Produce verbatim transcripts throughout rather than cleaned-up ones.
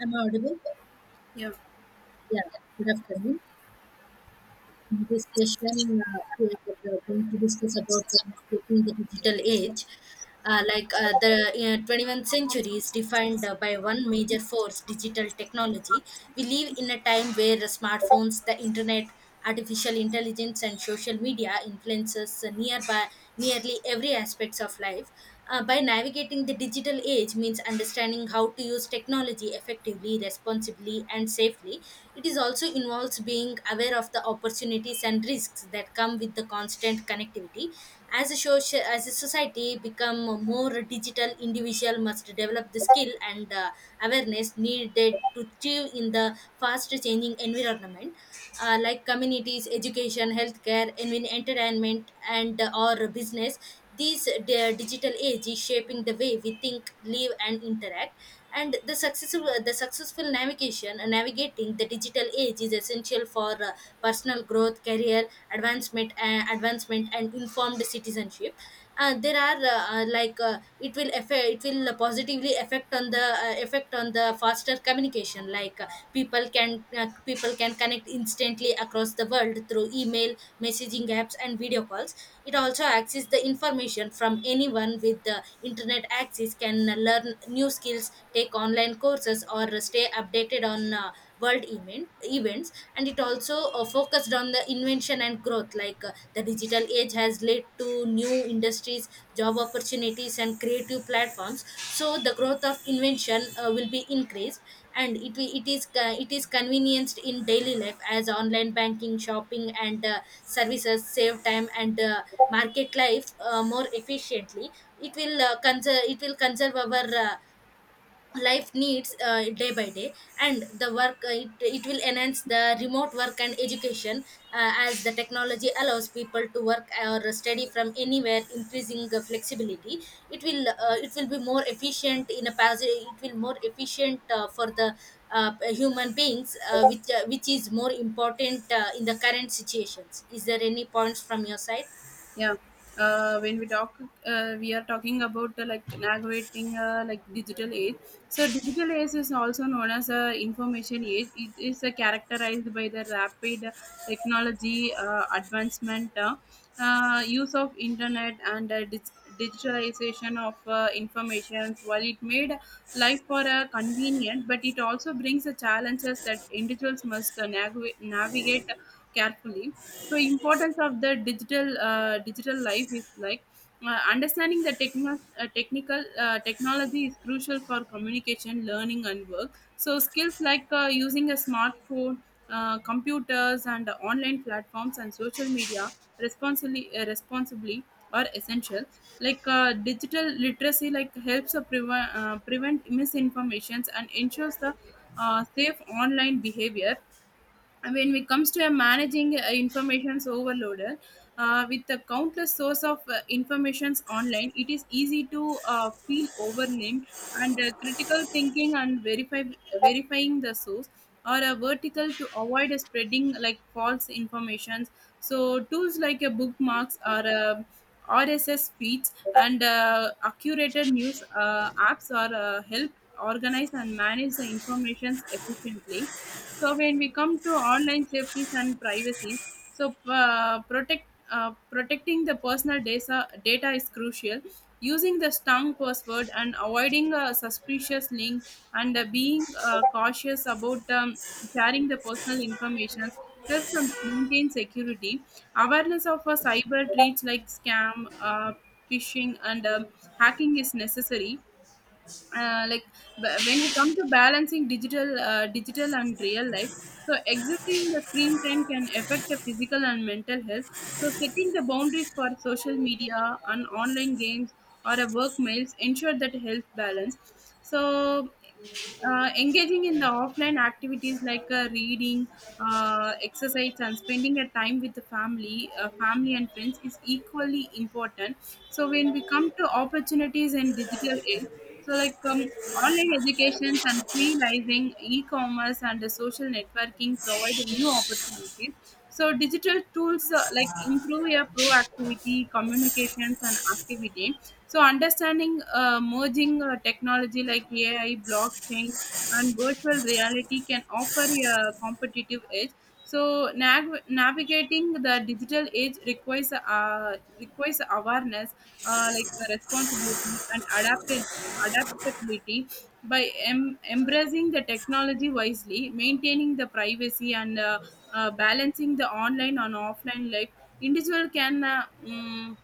I'm audible? Yeah, Yeah. Good afternoon. In this session, uh, we are we are going to discuss about the navigating the digital age. Uh, like uh, the uh, twenty-first century is defined uh, by one major force, digital technology. We live in a time where the smartphones, the internet, artificial intelligence, and social media influences uh, nearby nearly every aspects of life. Uh, by navigating the digital age means understanding how to use technology effectively, responsibly, and safely. It is also involves being aware of the opportunities and risks that come with the constant connectivity. As a social, as a society become more digital, individual must develop the skill and uh, awareness needed to achieve in the fast changing environment, uh, like communities, education, healthcare, even entertainment, and uh, or business. These the digital age is shaping the way we think, live, and interact. And the successful uh, the successful navigation uh, navigating the digital age is essential for uh, personal growth, career advancement, uh, advancement, and informed citizenship. Uh, there are uh, uh, like uh, it will affect effect it will positively affect on the uh, effect on the faster communication, like uh, people can uh, people can connect instantly across the world through email, messaging apps, and video calls. It also access the information from anyone with the internet access can learn new skills, take online courses, or stay updated on uh, world event events. And it also uh, focused on the invention and growth, like uh, the digital age has led to new industries, job opportunities, and creative platforms, so the growth of invention uh, will be increased. And it will- it is uh, it is convenienced in daily life as online banking, shopping, and uh, services save time and uh, market life uh, more efficiently. It will uh, conserve it will conserve our uh, life needs uh, day by day. And the work, uh, it, it will enhance the remote work and education, uh, as the technology allows people to work or study from anywhere, increasing the flexibility. It will uh, it will be more efficient in a posi- it will more efficient uh, for the uh, human beings, uh, which uh, which is more important uh, in the current situations. Is there any points from your side? yeah. Uh, when we talk, uh, we are talking about the like navigating uh, like digital age. So digital age is also known as a information age. It is uh, characterized by the rapid technology uh, advancement, uh, uh, use of internet, and uh, dig- digitalization of uh, information. While it made life for uh, convenient, but it also brings the challenges that individuals must uh, navigate navigate carefully. So importance of the digital uh, digital life is like uh, understanding the techno- uh, technical uh, technology is crucial for communication, learning, and work. So skills like uh, using a smartphone, uh, computers, and online platforms and social media responsibly uh, responsibly are essential. Like uh, digital literacy like helps uh, prevent uh, prevent misinformations and ensures the uh, safe online behavior. When it comes to a managing uh, information's overload, uh, with the countless source of uh, informations online, it is easy to uh, feel overwhelmed, and uh, critical thinking and verify verifying the source or a vertical to avoid a spreading like false informations. So tools like a bookmarks or a rss feeds and uh, accurate news uh, apps are uh, help organize and manage the informations efficiently. So when we come to online safety and privacy, so uh, protect uh, protecting the personal data data is crucial. Using the strong password and avoiding a suspicious link, and uh, being uh, cautious about um, sharing the personal information, helps to maintain security. Awareness of a cyber threats like scam, uh, phishing, and um hacking is necessary. uh, like b- when you come to balancing digital uh, digital and real life, so exiting the screen time can affect the physical and mental health. So setting the boundaries for social media and online games or a work mails ensure that health balance. So uh, engaging in the offline activities like uh, reading, uh, exercise, and spending a time with the family uh, family and friends is equally important. So when we come to opportunities in digital age, so like um, online educations and freelancing, e-commerce, and the social networking provide new opportunities. So digital tools uh, like improve your proactivity, communications, and activity. So understanding uh, merging uh, technology like A I, blockchain, and virtual reality can offer a competitive edge. So nav- navigating the digital age requires uh, requires awareness, uh, like uh, responsibility, and adaptability. Adaptability by em- embracing the technology wisely, maintaining the privacy, and uh, uh, balancing the online and offline life, individual can uh, mm,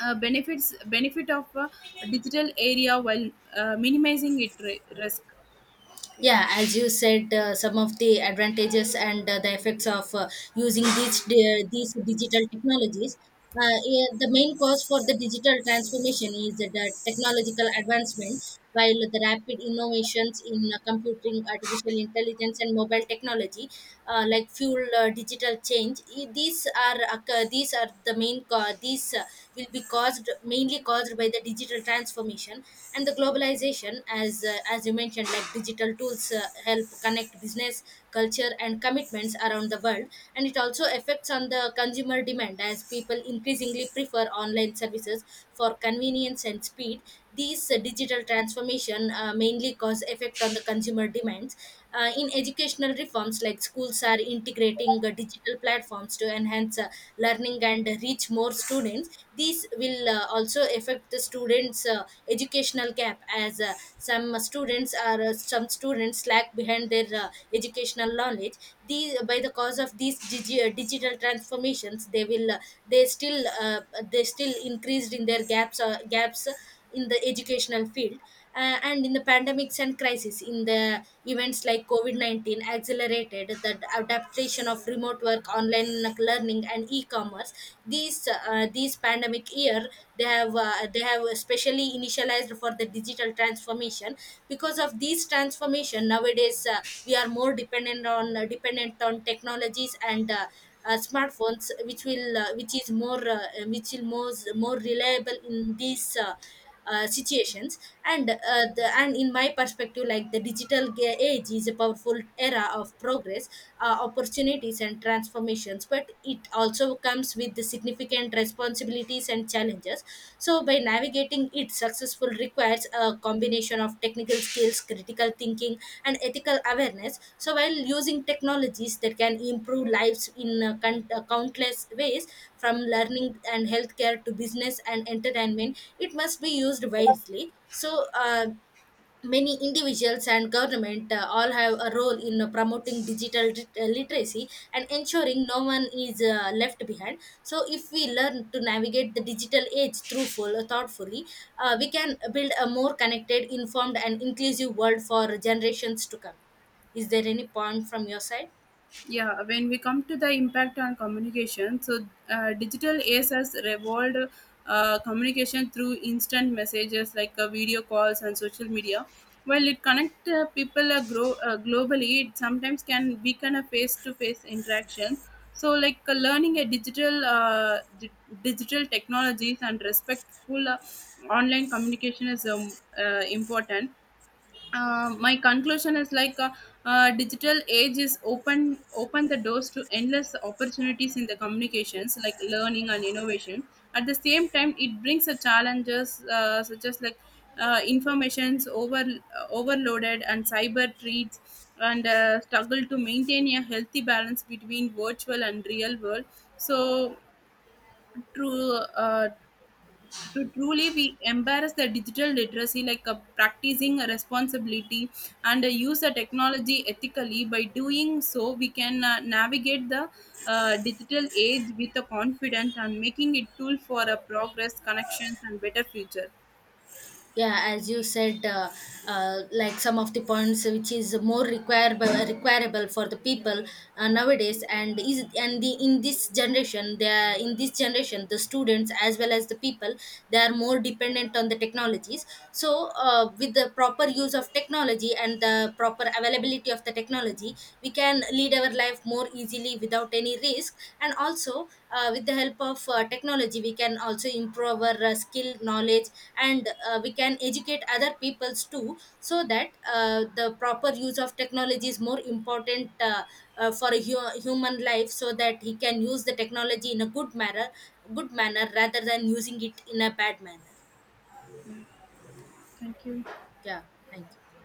uh, benefits benefit of uh, digital area while uh, minimizing it ri- risk. Yeah. Yeah, as you said, uh, some of the advantages and uh, the effects of uh, using these di- uh, these digital technologies. Uh, yeah, the main cause for the digital transformation is the technological advancement, while the rapid innovations in uh, computing, artificial intelligence, and mobile technology uh, like fuel uh, digital change. I- these are occur- these are the main cause. These uh, Will be caused, mainly caused by the digital transformation and the globalization. As uh, as you mentioned, like digital tools uh, help connect business, culture, and commitments around the world. And it also affects on the consumer demand as people increasingly prefer online services for convenience and speed. These uh, digital transformation uh, mainly cause effect on the consumer demands. Uh, in educational reforms, like schools are integrating uh, digital platforms to enhance uh, learning and reach more students, means these will uh, also affect the students uh, educational gap, as uh, some students are uh, some students lack behind their uh, educational knowledge. These by the cause of these digi- uh, digital transformations, they will uh, they still uh, they still increased in their gaps uh, gaps in the educational field. Uh, and in the pandemics and crisis, in the events like COVID nineteen accelerated the adaptation of remote work, online learning, and e-commerce. These uh, these pandemic year, they have uh, they have especially initialized for the digital transformation. Because of these transformation, nowadays uh, we are more dependent on uh, dependent on technologies and uh, uh, smartphones, which will uh, which is more uh, which will more more reliable in these uh, uh, situations. and uh, the, and in my perspective, like the digital ga- age is a powerful era of progress, uh, opportunities, and transformations, but it also comes with the significant responsibilities and challenges. So by navigating it successful requires requires a combination of technical skills, critical thinking, and ethical awareness. So, while using technologies that can improve lives in uh, count- uh, countless ways, from learning and healthcare to business and entertainment, it must be used wisely. So, uh, many individuals and government uh, all have a role in uh, promoting digital lit- uh, literacy and ensuring no one is uh, left behind. So if we learn to navigate the digital age through thoughtfully, uh, we can build a more connected, informed, and inclusive world for generations to come. Is there any point from your side? Yeah, when we come to the impact on communication, so uh, digital age has revolved uh, communication through instant messages like uh, video calls and social media. While it connect uh, people uh, grow uh, globally, it sometimes can weaken a face to face interaction. So like uh, learning a digital uh, di- digital technologies and respectful uh, online communication is um, uh, important. Uh, my conclusion is like uh, uh, digital age is open open the doors to endless opportunities in the communications like learning and innovation. At the same time, it brings a challenges uh, such as like uh, informations over uh, overloaded and cyber treats, and uh, struggle to maintain a healthy balance between virtual and real world. So through uh, to truly we embrace the digital literacy like a practicing a responsibility, and uh, use the technology ethically. By doing so, we can uh, navigate the uh, digital age with a confidence and making it tool for a progress, connections, and better future. Yeah, as you said, uh, uh, like some of the points which is more requirable requirable for the people uh, nowadays. And is and the in this generation, they are in this generation, the students as well as the people, they are more dependent on the technologies. So uh, with the proper use of technology and the proper availability of the technology, we can lead our life more easily without any risk. And also, uh, with the help of uh, technology, we can also improve our uh, skill knowledge. And uh, we can educate other peoples too, so that uh, the proper use of technology is more important, uh, uh, for a hu- human life, so that he can use the technology in a good manner, good manner rather than using it in a bad manner. Yeah, thank you. Yeah, thank you.